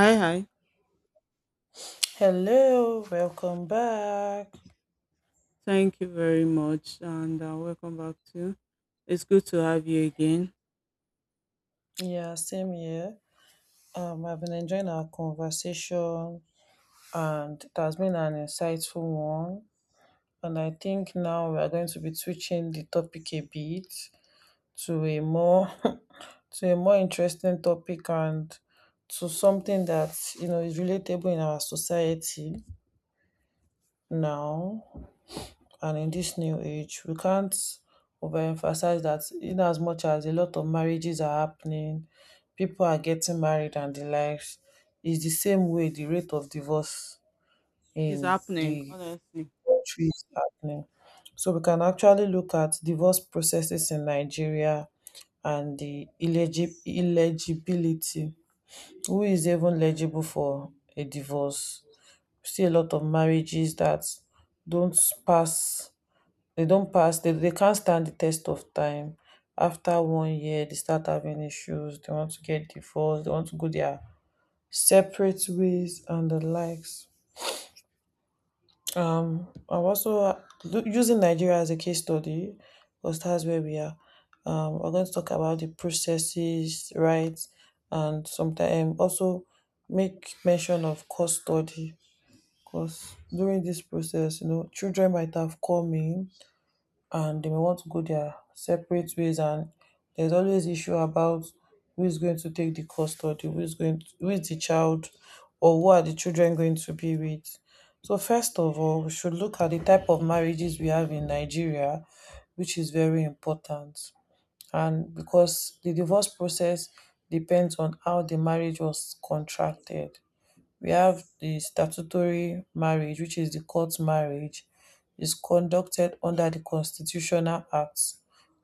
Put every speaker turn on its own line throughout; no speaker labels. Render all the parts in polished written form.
Hi, hi.
Hello, welcome back.
Thank you very much, and welcome back to. It's good to have you again.
Yeah, same here. I've been enjoying our conversation, and it has been an insightful one. And I think now we are going to be switching the topic a bit to a more to a more interesting topic, and to something that you know is relatable in our society now. And in this new age, we can't overemphasize that in as much as a lot of marriages are happening, people are getting married and the likes, it's the same way the rate of divorce
It's
in
happening,
the
honestly.
country is happening. So we can actually look at divorce processes in Nigeria and the illegibility, who is even legible for a divorce. We see a lot of marriages that don't pass, they can't stand the test of time. After one year, they start having issues, they want to get divorced, they want to go their separate ways and the likes. um I'm also using Nigeria as a case study, because that's where we are. We're going to talk about the processes, rights, and sometimes also make mention of custody, because during this process children might have come in, and they may want to go their separate ways, and there's always issue about who is going to take the custody, who is the child or who are the children going to be with. So first of all, we should look at the type of marriages we have in Nigeria, which is very important. And because the divorce process depends on how the marriage was contracted, we have the statutory marriage, which is the court marriage, is conducted under the Constitutional Act,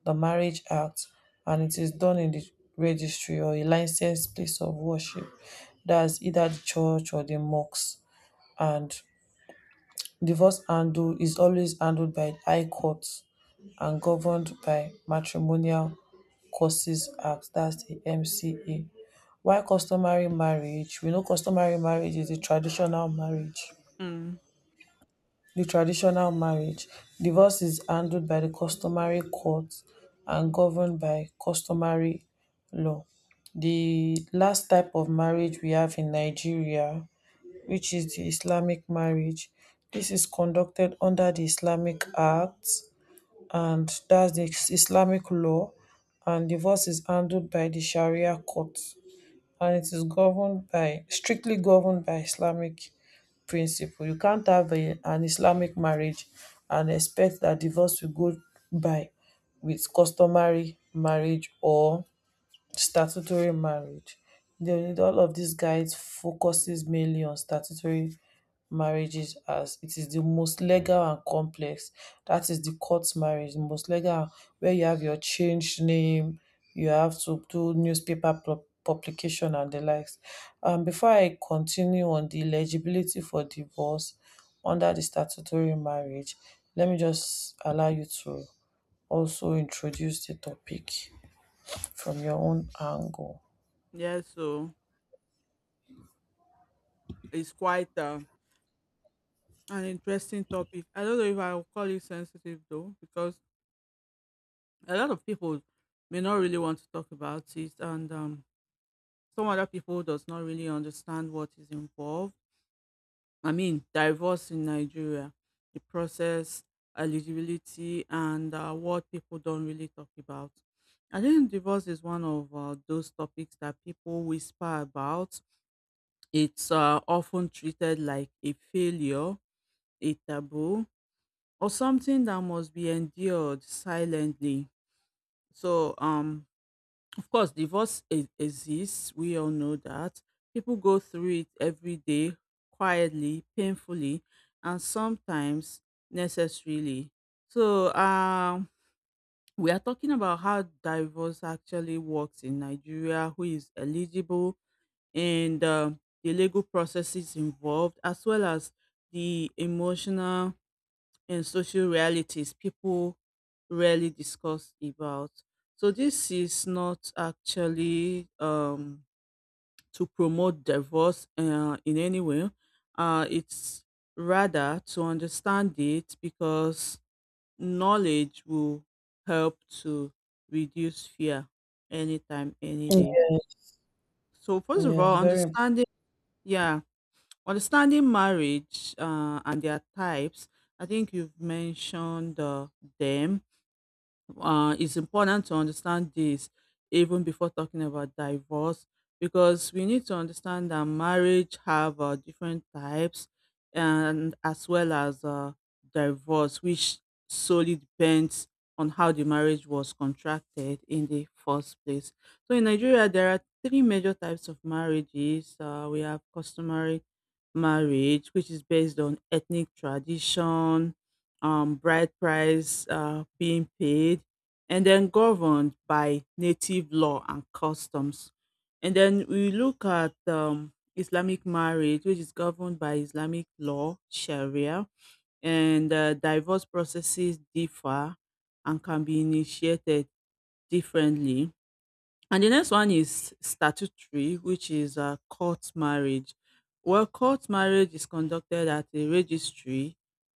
the Marriage Act, and it is done in the registry or a licensed place of worship. That's either the church or the mosque. And divorce handle is always handled by high courts and governed by Matrimonial Causes Act, that's the MCA. Why customary marriage, we know customary marriage is the traditional marriage.
Mm,
The traditional marriage, divorce is handled by the customary court and governed by customary law. The last type of marriage we have in Nigeria, which is the Islamic marriage. This is conducted under the Islamic Act, and that's the Islamic law, and divorce is handled by the Sharia court, and it is governed by strictly governed by Islamic principle. You can't have an Islamic marriage and expect that divorce will go by with customary marriage or statutory marriage. They All of these guides focuses mainly on statutory marriages as it is the most legal and complex. That is the court marriage, the most legal, where you have your changed name, you have to do newspaper publication and the likes. Before I continue on the eligibility for divorce under the statutory marriage, let me just allow you to also introduce the topic from your own angle.
yeah, so it's quite an interesting topic. I don't know if I'll call it sensitive though, because a lot of people may not really want to talk about it, and some other people does not really understand what is involved. I mean, divorce in Nigeria, the process, eligibility, and what people don't really talk about. I think divorce is one of those topics that people whisper about. It's often treated like a failure, a taboo, or something that must be endured silently. So, of course, exists. We all know that. People go through it every day, quietly, painfully, and sometimes necessarily. So, we are talking about how divorce actually works in Nigeria, who is eligible, and the legal processes involved, as well as the emotional and social realities people rarely discuss about. So this is not actually to promote divorce in any way. It's rather to understand it because knowledge will help to reduce fear anytime, any day.
Yes,
So first of
yes,
all,
very,
understanding, yeah, understanding marriage and their types. I think you've mentioned them, it's important to understand this even before talking about divorce, because we need to understand that marriage have different types, and as well as divorce, which solely depends on how the marriage was contracted in the first place. So in Nigeria, there are three major types of marriages. We have customary marriage, which is based on ethnic tradition, bride price being paid, and then governed by native law and customs. And then we look at Islamic marriage, which is governed by Islamic law, Sharia, and divorce processes differ and can be initiated differently. And the next one is statutory, which is court marriage. Well, court marriage is conducted at a registry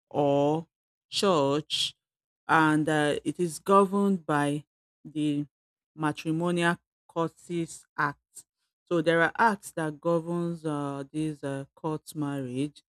or church, and it is governed by the Matrimonial Courts Act. So there are acts that governs this court marriage,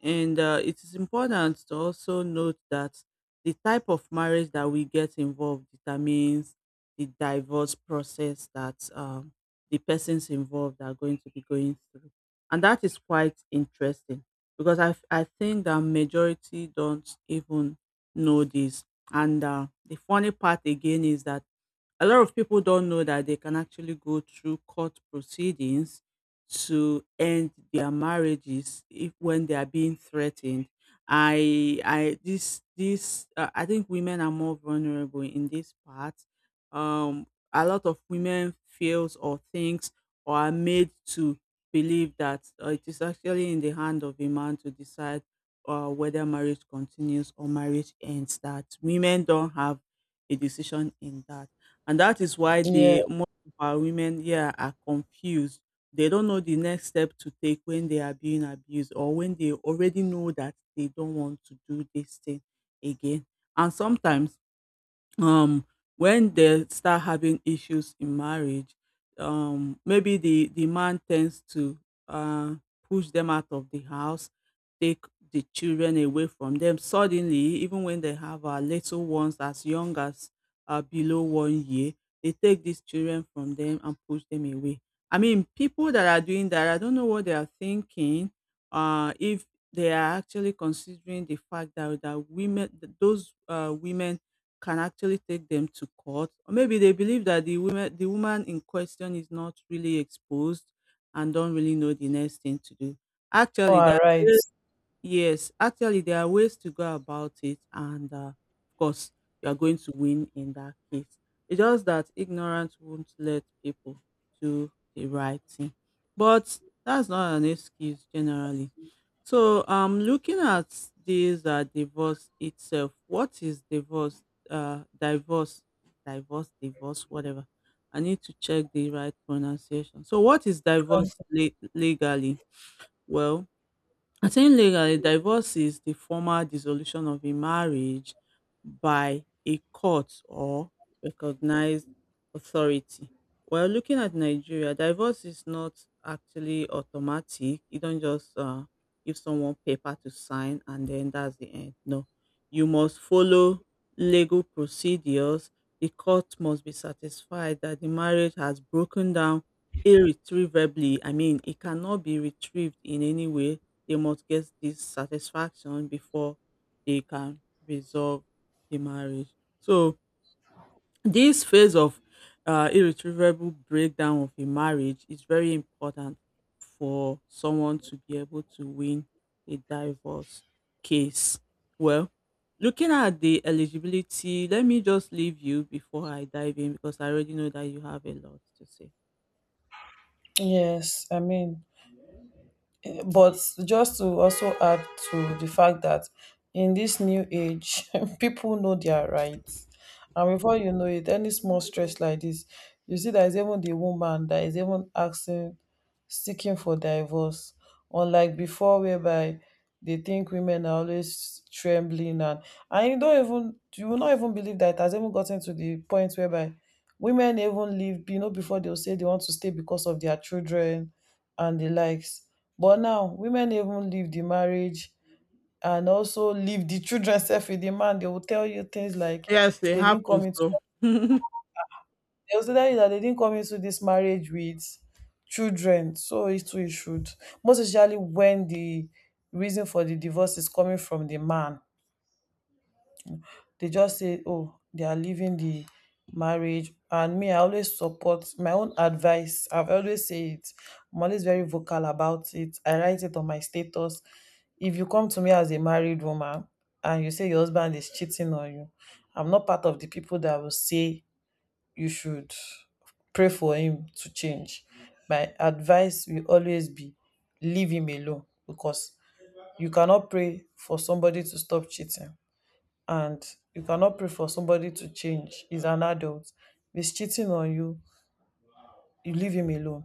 and it is important to also note that the type of marriage that we get involved determines the divorce process that the persons involved are going to be going through. And that is quite interesting because I think that majority don't even know this. And the funny part again is that a lot of people don't know that they can actually go through court proceedings to end their marriages if when they are being threatened. I this this I think women are more vulnerable in this part. um a lot of women feels or thinks or are made to believe that it is actually in the hand of a man to decide whether marriage continues or marriage ends, that women don't have a decision in that. And that is why
yeah,
the most of our women here are confused. They don't know the next step to take when they are being abused, or when they already know that they don't want to do this thing again. And sometimes, um when they start having issues in marriage, maybe the man tends to uh push them out of the house, take the children away from them suddenly, even when they have little ones as young as below 1 year. They take these children from them and push them away. I mean, people that are doing that, I don't know what they are thinking, if they are actually considering the fact that those women can actually take them to court. Or maybe they believe that the woman in question is not really exposed and don't really know the next thing to do. Actually
all
there are
right.
ways- Yes, actually there are ways to go about it, and of course you are going to win in that case. It's just that ignorance won't let people do the right thing. But that's not an excuse generally. So, looking at this divorce itself, what is divorce? Uh, divorce, divorce, whatever. I need to check the right pronunciation. So, what is legally? Well, I think legally, divorce is the formal dissolution of a marriage by a court or recognized authority. Well, looking at Nigeria, divorce is not actually automatic. You don't just give someone paper to sign and then that's the end. No, you must follow legal procedures. The court must be satisfied that the marriage has broken down irretrievably. I mean, it cannot be retrieved in any way. They must get this satisfaction before they can resolve the marriage. So this phase of irretrievable breakdown of a marriage is very important for someone to be able to win a divorce case. Well, looking at the eligibility, let me just leave you before I dive in because I already know that you have a lot to say.
Yes, I mean, but just to also add to the fact that in this new age people know their rights, and before you know it, any small stress like this, you see there is even the woman that is even asking seeking for divorce, unlike before, whereby they think women are always trembling, and you will not even believe that it has even gotten to the point whereby women even leave before they'll say they want to stay because of their children and the likes. But now women even leave the marriage, and also leave the children self with the man. They will tell you things like
Yes, it
they didn't
happens.
come into
So
they will tell you that, "Yeah, they didn't come into this marriage with children. So it too it should." Most especially when the reason for the divorce is coming from the man, they just say, oh, they are leaving the marriage. And me, I always support my own advice. I've always said it. I'm always very vocal about it. I write it on my status. If you come to me as a married woman and you say your husband is cheating on you, I'm not part of the people that will say you should pray for him to change. My advice will always be, leave him alone, because you cannot pray for somebody to stop cheating, and you cannot pray for somebody to change. He's an adult. If he's cheating on you, you leave him alone.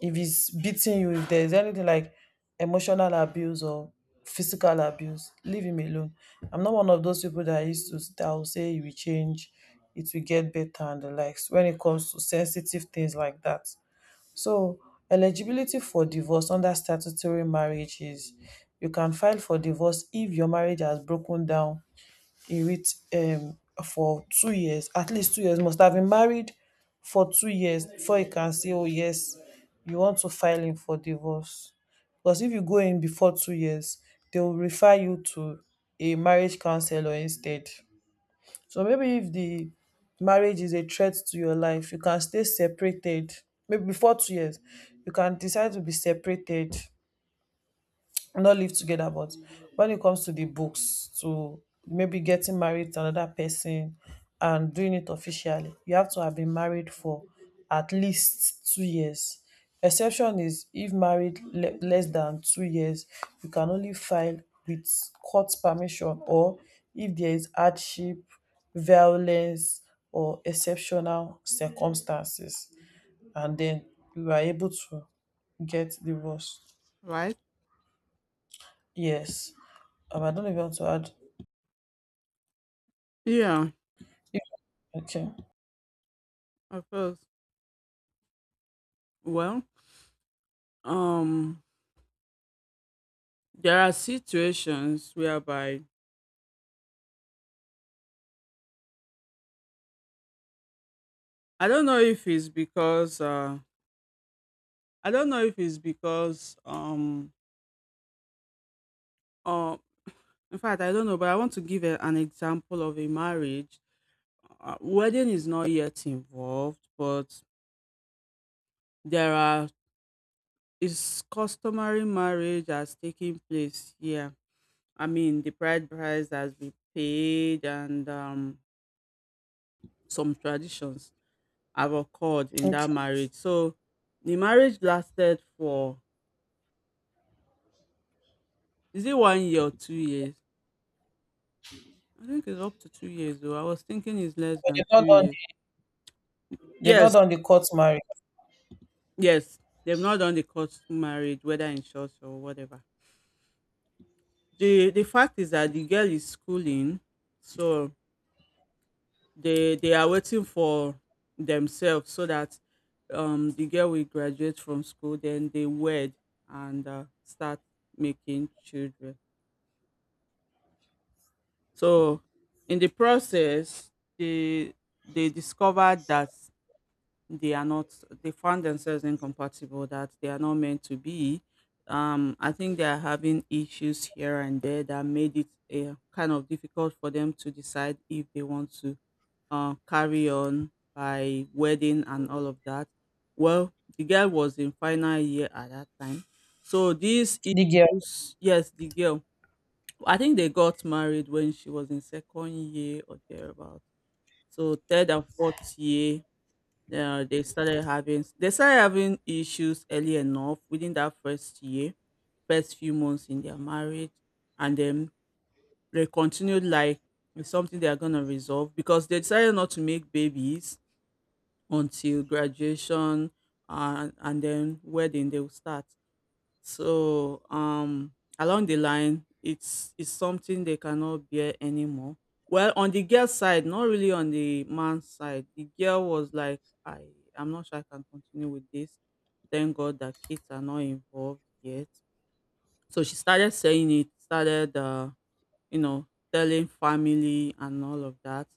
If he's beating you, if there's anything like emotional abuse or physical abuse, leave him alone. I'm not one of those people that used to that will say you will change, it will get better and the likes when it comes to sensitive things like that. So, eligibility for divorce under statutory marriage is, you can file for divorce if your marriage has broken down. He reach For 2 years, at least 2 years must have been married for 2 years before you can say, oh, yes, you want to file him for divorce, because if you go in before 2 years, they will refer you to a marriage counselor instead. So maybe if the marriage is a threat to your life, you can stay separated. Maybe before 2 years, you can decide to be separated, not live together. But when it comes to the books, to maybe getting married to another person and doing it officially, you have to have been married for at least 2 years. Exception is if married less than 2 years, you can only file with court permission, or if there is hardship, violence, or exceptional circumstances, and then you are able to get divorced.
right?
Yes. I don't know if you want to add.
Yeah,
Okay.
of course. Well, um there are situations whereby I don't know if it's because I don't know if it's because uh, in fact I don't know, but I want to give a, an example of a marriage. Wedding is not yet involved, but there are is customary marriage that's taking place here. I mean, the bride price has been paid, and some traditions have occurred in
Okay.
that marriage. So the marriage lasted for, is it 1 year or 2 years? I think it's up to 2 years though. I was thinking it's less
But
than
they've
two
not done
years.
the, they've not
Yes,
done the court marriage.
yes. They've not done the court marriage, whether in church or whatever. The fact is that the girl is schooling, so they are waiting for themselves, so that the girl will graduate from school, then they wed and start making children. So in the process, they they discovered that they are not. They found themselves incompatible. That they are not meant to be. I think they are having issues here and there that made it kind of difficult for them to decide if they want to carry on by wedding and all of that. Well, the girl was in final year at that time, so these
The girl.
issues. Yes, the girl, I think they got married when she was in second year or thereabout. So third and fourth year, they started having issues early enough within that first year, first few months in their marriage, and then they continued like it's something they are gonna resolve, because they decided not to make babies until graduation, and then wedding they will start. So along the line, it's something they cannot bear anymore. Well, on the girl side, not really on the man's side. The girl was like, I I'm not sure I can continue with this. Thank God that kids are not involved yet. So she started saying it, started you know, telling family and all of that,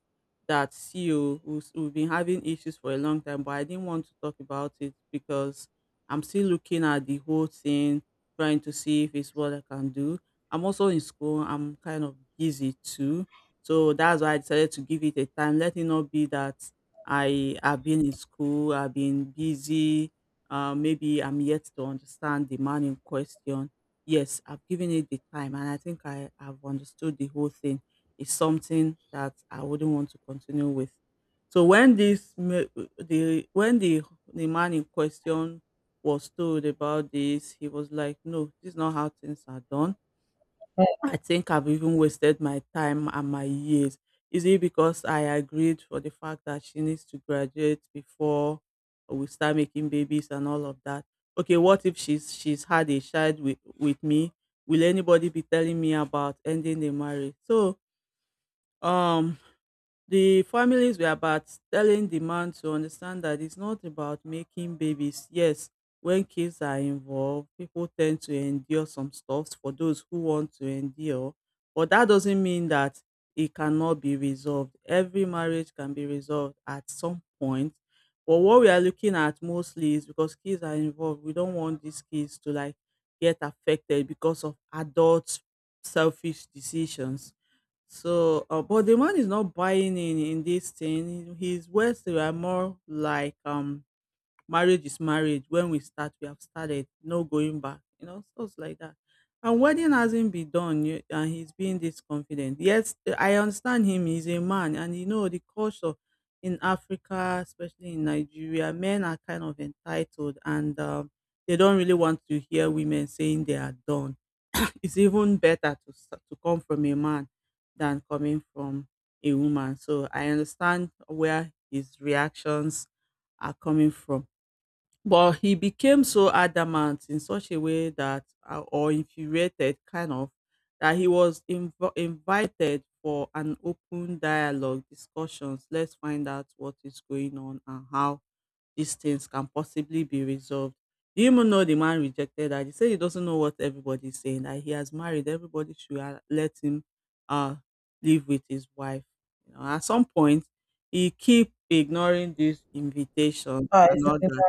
that see oh, who's, we've been having issues for a long time, but I didn't want to talk about it, because I'm still looking at the whole thing, trying to see if it's what I can do. I'm also in school. I'm kind of busy too, so that's why I decided to give it a time. Let it not be that I have been in school, I've been busy. Maybe I'm yet to understand the man in question. Yes, I've given it the time and I think I have understood the whole thing. It's something that I wouldn't want to continue with. So when this ma- the when the man in question was told about this, he was like, "No, this is not how things are done. I think I've even wasted my time and my years. Is it because I agreed for the fact that she needs to graduate before we start making babies and all of that? Okay, what if she's had a child with me? Will anybody be telling me about ending the marriage?" So, um, the families were about telling the man to understand that it's not about making babies. Yes, when kids are involved, people tend to endure some stuff for those who want to endure. But that doesn't mean that it cannot be resolved. Every marriage can be resolved at some point. But what we are looking at mostly is because kids are involved. We don't want these kids to like get affected because of adult selfish decisions. So, but the man is not buying in this thing. His words, they were more like, marriage is marriage. When we start, we have started. No going back. You know, stuff like that. And wedding hasn't been done yet, and he's being this confident. Yes, I understand him. He's a man, and you know the culture in Africa, especially in Nigeria, men are kind of entitled, and they don't really want to hear women saying they are done. It's even better to to come from a man than coming from a woman. So I understand where his reactions are coming from. But he became so adamant in such a way that, or infuriated kind of, that he was invited for an open dialogue, discussions. Let's find out what is going on and how these things can possibly be resolved. Do you even know the man rejected her? He said he doesn't know what everybody's saying, that he has married, everybody should let him uh live with his wife. You know, at some point he keep ignoring this invitation
Is
and
it
all
the
that.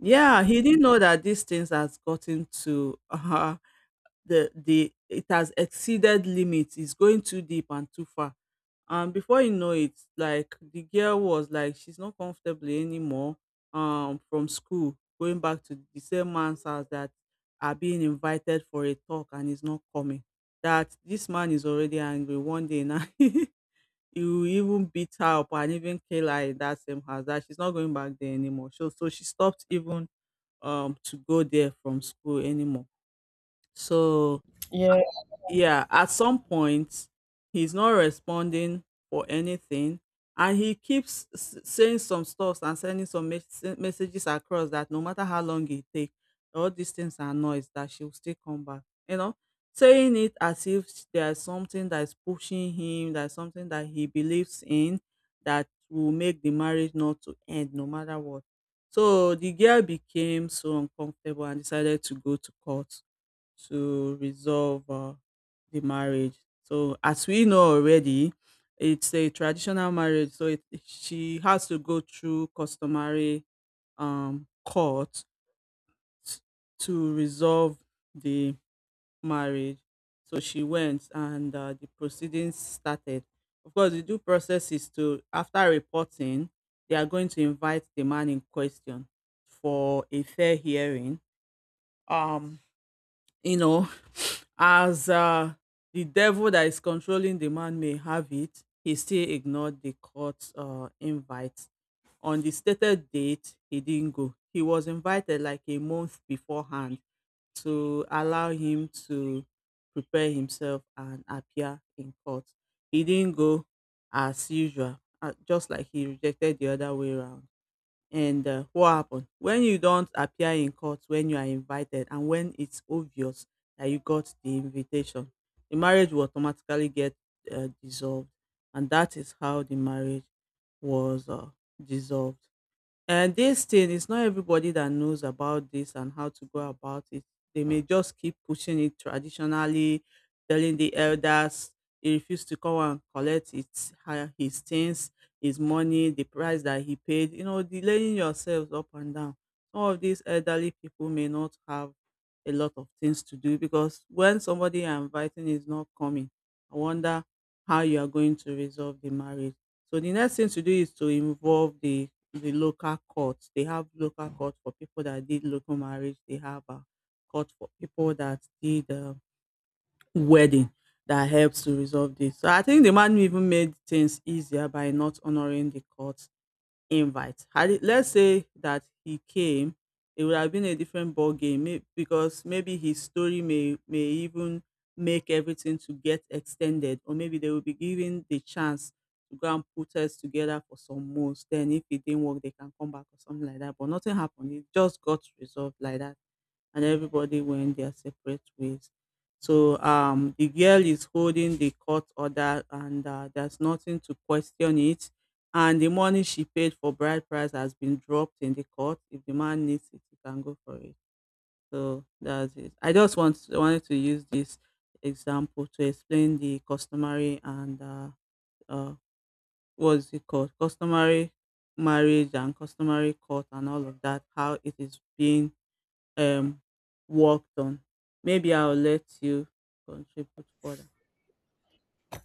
Yeah, he didn't know that these things has gotten to the it has exceeded limits. It's going too deep and too far. And before you know it, like the girl was like she's not comfortable anymore. From school, going back to the same man's house that are being invited for a talk and is not coming. That this man is already angry. One day now, he will even beat her up and even kill her in that same house. That she's not going back there anymore. So she stopped even to go there from school anymore. So
Yeah.
yeah, at some point he's not responding for anything, and he keeps saying some stuff and sending some messages across that no matter how long it takes, all these things are noise, that she will still come back, you know saying it as if there's something that is pushing him, there's something that he believes in that will make the marriage not to end no matter what. So the girl became so uncomfortable and decided to go to court to resolve the marriage. So, as we know already, it's a traditional marriage, so it, she has to go through customary court t- to resolve the marriage. So she went, and the proceedings started. Of course, the due process is to after reporting, they are going to invite the man in question for a fair hearing. Um, you know, as the devil that is controlling the man may have it, he still ignored the court's invite. On the stated date, he didn't go. He was invited like a month beforehand to allow him to prepare himself and appear in court. He didn't go as usual, just like he rejected the other way around. And what happened? When you don't appear in court when you are invited and when it's obvious that you got the invitation, the marriage will automatically get dissolved. And that is how the marriage was dissolved. And this thing is not everybody that knows about this and how to go about it. They may just keep pushing it traditionally, telling the elders he refused to come and collect his things, his money, the price that he paid. You know, delaying yourselves up and down. Some of these elderly people may not have a lot of things to do, because when somebody you're inviting is not coming, I wonder how you are going to resolve the marriage. So the next thing to do is to involve the local court. They have local court for people that did local marriage. They have a court for people that did wedding that helps to resolve this. So I think the man even made things easier by not honoring the court invite. Had it, let's say that he came, it would have been a different ball game, because maybe his story may even make everything to get extended, or maybe they will be given the chance to go and put us together for some months. Then, if it didn't work, they can come back or something like that. But nothing happened. It just got resolved like that, and everybody went their separate ways. So the girl is holding the court order, and there's nothing to question it. And the money she paid for bride price has been dropped in the court. If the man needs it, he can go for it. So that's it. I just wanted to use this example to explain the customary and uh, what's it called? Customary marriage and customary court and all of that. How it is being um work done. Maybe I'll let you contribute further.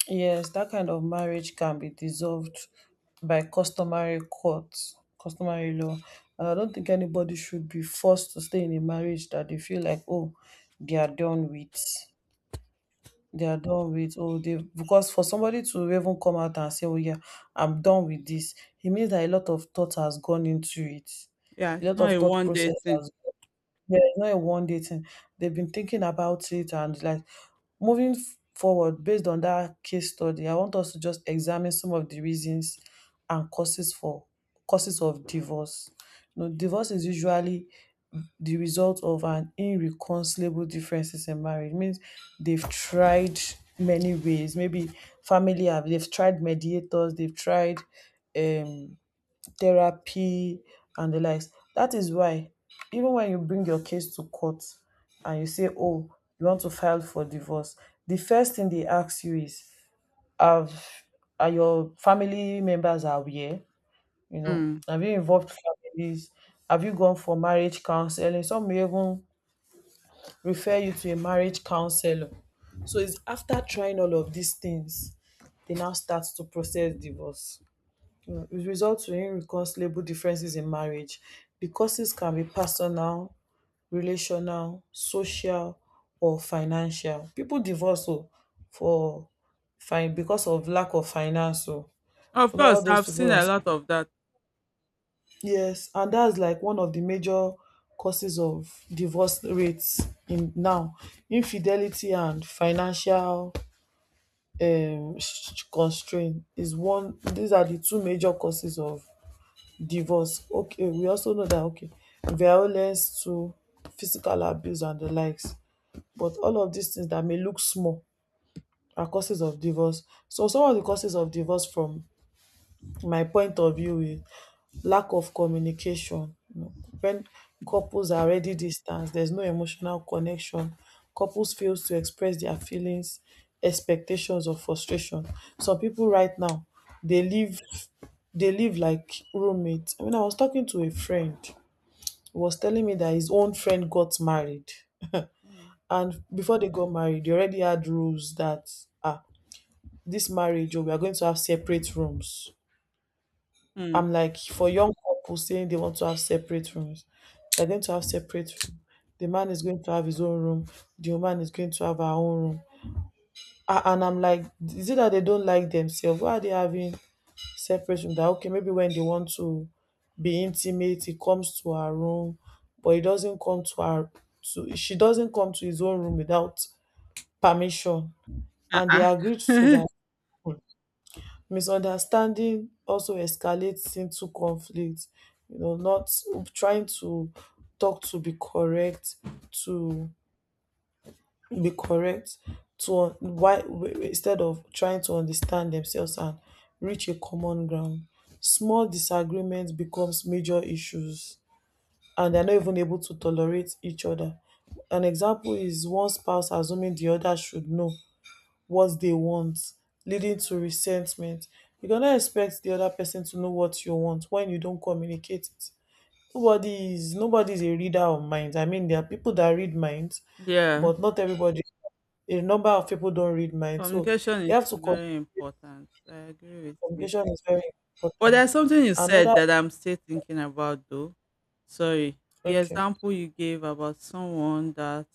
Yes, that kind of marriage can be dissolved by customary court, customary law. And I don't think anybody should be forced to stay in a marriage that they feel like, oh, they are done with. They are done with, oh, they, because for somebody to even come out and say, oh yeah, I'm done with this, it means that a lot of thought has gone into it.
Yeah,
A
it's
lot
not
of
a
thought
one day
process
thing.
has. Yeah, it's not a one day thing. They've been thinking about it, and like moving forward. Based on that case study, I want us to just examine some of the reasons and causes of divorce. You know, divorce is usually the result of an irreconcilable differences in marriage. It means they've tried many ways. Maybe family have they've tried mediators, they've tried um therapy and the likes. That is why even when you bring your case to court and you say, oh, you want to file for divorce, the first thing they ask you is, Have are your family members aware? You know,
Mm.
have you involved families? Have you gone for marriage counseling? Some may even refer you to a marriage counselor. So it's after trying all of these things, they now start to process divorce. It results in irreconcilable differences in marriage. The causes can be personal, relational, social or financial. People divorce, oh, for fine because of lack of finance, oh.
Of
You know all
course, I've
those people.
seen
On
a lot of that.
yes, and that's like one of the major causes of divorce rates in now. Infidelity and financial constraint is one, these are the two major causes of divorce. Okay, we also know that, okay, violence to physical abuse and di likes, but all of dis things dat may look small are causes of divorce. So some of di causes of divorce from my point of view is lack of communication. You know, when couples are already distant, there's no emotional connection. Couples fails to express their feelings, expectations, or frustration. Some people right now, they live they live like roommates. I mean, I was talking to a friend who was telling me that his own friend got married.
Mm.
And before they got married, they already had rules that, ah, this marriage, oh, we are going to have separate rooms.
Mm.
I'm like, for young couples saying they want to have separate rooms, they're going to have separate room. The man is going to have his own room. The woman is going to have her own room. And I'm like, is it that they don't like themselves? Why are they having separate room? That okay, maybe when they want to be intimate, he comes to her room, but he doesn't come to her. To she doesn't come to his own room without permission, and they agreed to
Uh-uh.
that misunderstanding also escalates into conflict. Not trying to talk to be correct, to be correct to why, instead of trying to understand themselves and reach a common ground, small disagreements becomes major issues and they're not even able to tolerate each other. An example is one spouse assuming the other should know what they want, leading to resentment. You cannot expect the other person to know what you want when you don't communicate it. Nobody is a reader of minds. I mean, there are people that read minds,
Yeah,
but not everybody. A number of people don't read minds, so
communication
you
is
have to communicate.
very important. I agree with you.
Communication is very
But there's
important.
something you said
Another
that I'm still thinking about though. Sorry. The
okay,
example you gave about someone that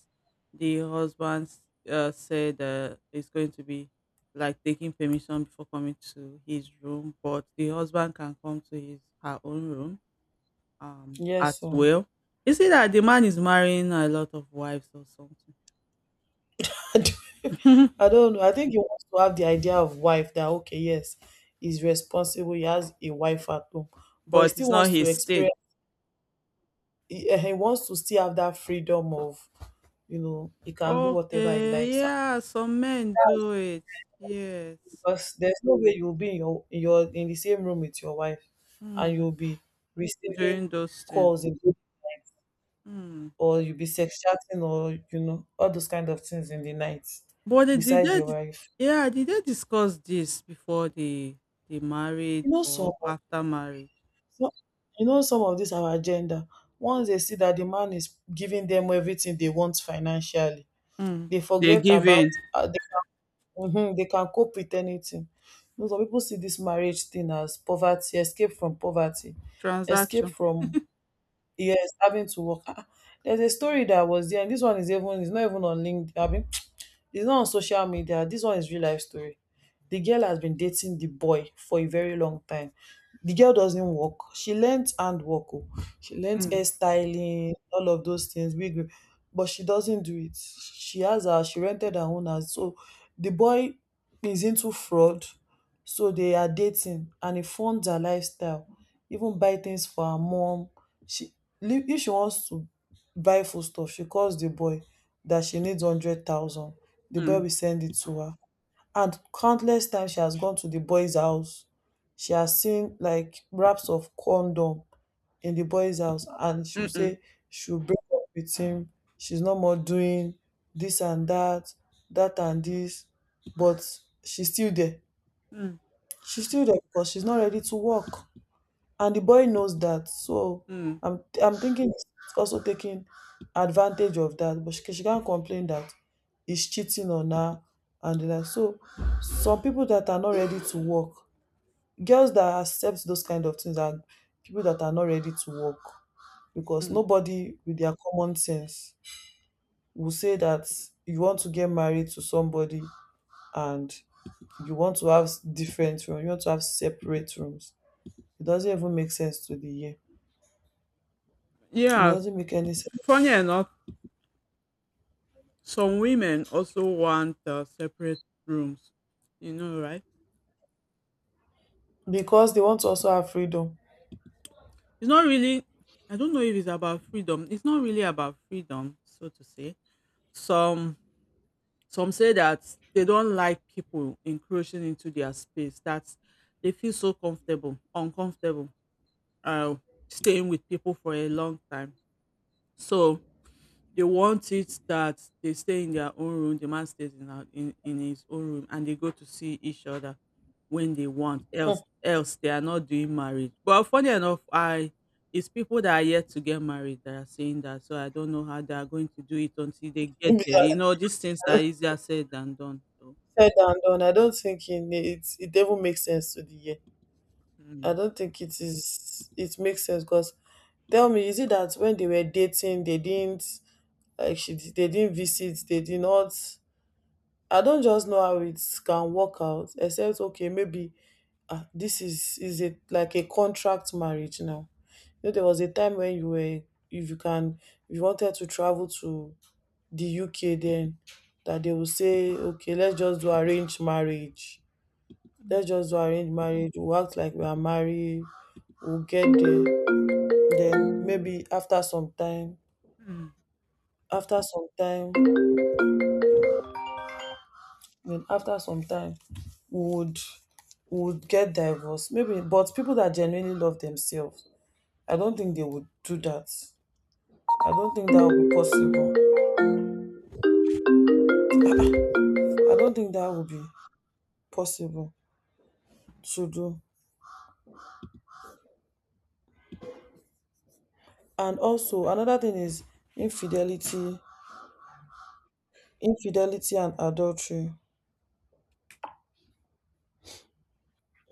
the husband said is going to be like taking permission before coming to his room, but the husband can come to his her own room at
yes, so
will. Is it that the man is marrying a lot of wives or something?
I don't I don't know. I think you want to have the idea of wife that okay, yes, is responsible. He has a wife at home, but he
But it's
still
not
wants to
his thing.
experience he wants to still have that freedom of, he can do whatever he
Okay,
likes,
yeah, some men do it. Yes.
because there's no way you'll be in your in the same room with your wife and
Hmm.
you'll be receiving
During those things.
calls in-
Mm.
or you'll be sex chatting, or all those kind of things in the night
But they, did
beside
they,
your wife.
yeah, did they discuss this before they married
you know some
or
of-
after marriage?
some- some of this our agenda, once they see that the man is giving them everything they want financially,
Mm.
they
They
forget
give
about
in.
uh, Mhm, they can cope with anything. You know, some people see this marriage thing as poverty, escape from poverty, escape
Transaction.
from, yes, having to work. There's a story that was there, and this one is even it's not even on LinkedIn. It's not on social media. This one is real life story. The girl has been dating the boy for a very long time. The girl doesn't work. She learnt handwork. Oh. She learnt
Mm.
hairstyling, all of those things, wig, but she doesn't do it. She rented her own house. So the boy is into fraud. So they are dating and he funds her lifestyle. Even buy things for her mom. She, if she wants to buy food stuff, she calls the boy that she needs 100,000, the boy
Mm.
will send it to her. And countless times she has gone to the boy's house. She has seen like wraps of condom in the boy's house and she'll
Mm-mm.
say she'll break up with him. She's no more doing this and that, that and this. But she's still there.
Mm.
She's still there because she's not ready to work. And the boy knows that. So
Mm.
I'm thinking he's also taking advantage of that. But she can't complain that he's cheating on her and the like. So some people that are not ready to work, girls that accept those kind of things are people that are not ready to work. Because
Mm.
nobody with their common sense will say that you want to get married to somebody and you want to have different rooms, you want to have separate rooms. It doesn't even make sense to the year. It
Yeah,
doesn't make any sense
funny enough, some women also want separate rooms. You know, right?
because they want to also have freedom.
It's not really. I don't know if it's about freedom. It's not really about freedom, so to say. Some Some say that they don't like people encroaching into their space, that they feel so uncomfortable, uh, staying with people for a long time. So they want it that they stay in their own room, the man stays in his own room, and they go to see each other when they want,
Hmm.
else they are not doing marriage. But funny enough, I It's people that are yet to get married that are saying that. So I don't know how they are going to do it until they get
Maybe
there. You
that
know, these things are easier said than done. So
said and done. I don't think it even makes sense to the year. I
mm,
don't think it is. It makes sense because tell me, is it that when they were dating, they didn't like she they didn't visit, they did not. I don't just know how it can work out. Except okay, maybe this is it like a contract marriage now. You know, there was a time when you were if you can if you wanted to travel to the UK, then that they will say, okay, let's just do arranged marriage.
mm,
Let's just do arranged marriage. We'll act like we are married. We'll get there. Then maybe
mm.
after some time, then after some time, we would, we would get divorced. Maybe, but people that genuinely love themselves, I don't think they would do that. I don't think that would be possible. I don't think that would be possible to do. And also another thing is infidelity. Infidelity and adultery,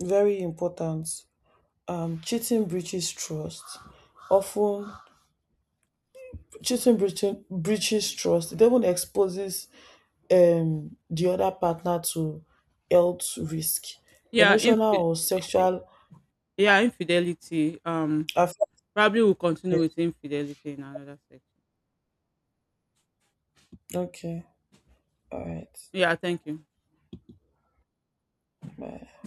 very important. Cheating breaches trust. Often, breaches trust. It even exposes the other partner to health risk,
Yeah,
emotional
infi
or sexual
yeah, infidelity.
affection.
Probably we'll continue with infidelity in another section.
Okay, all right,
Yeah, thank you.
bye.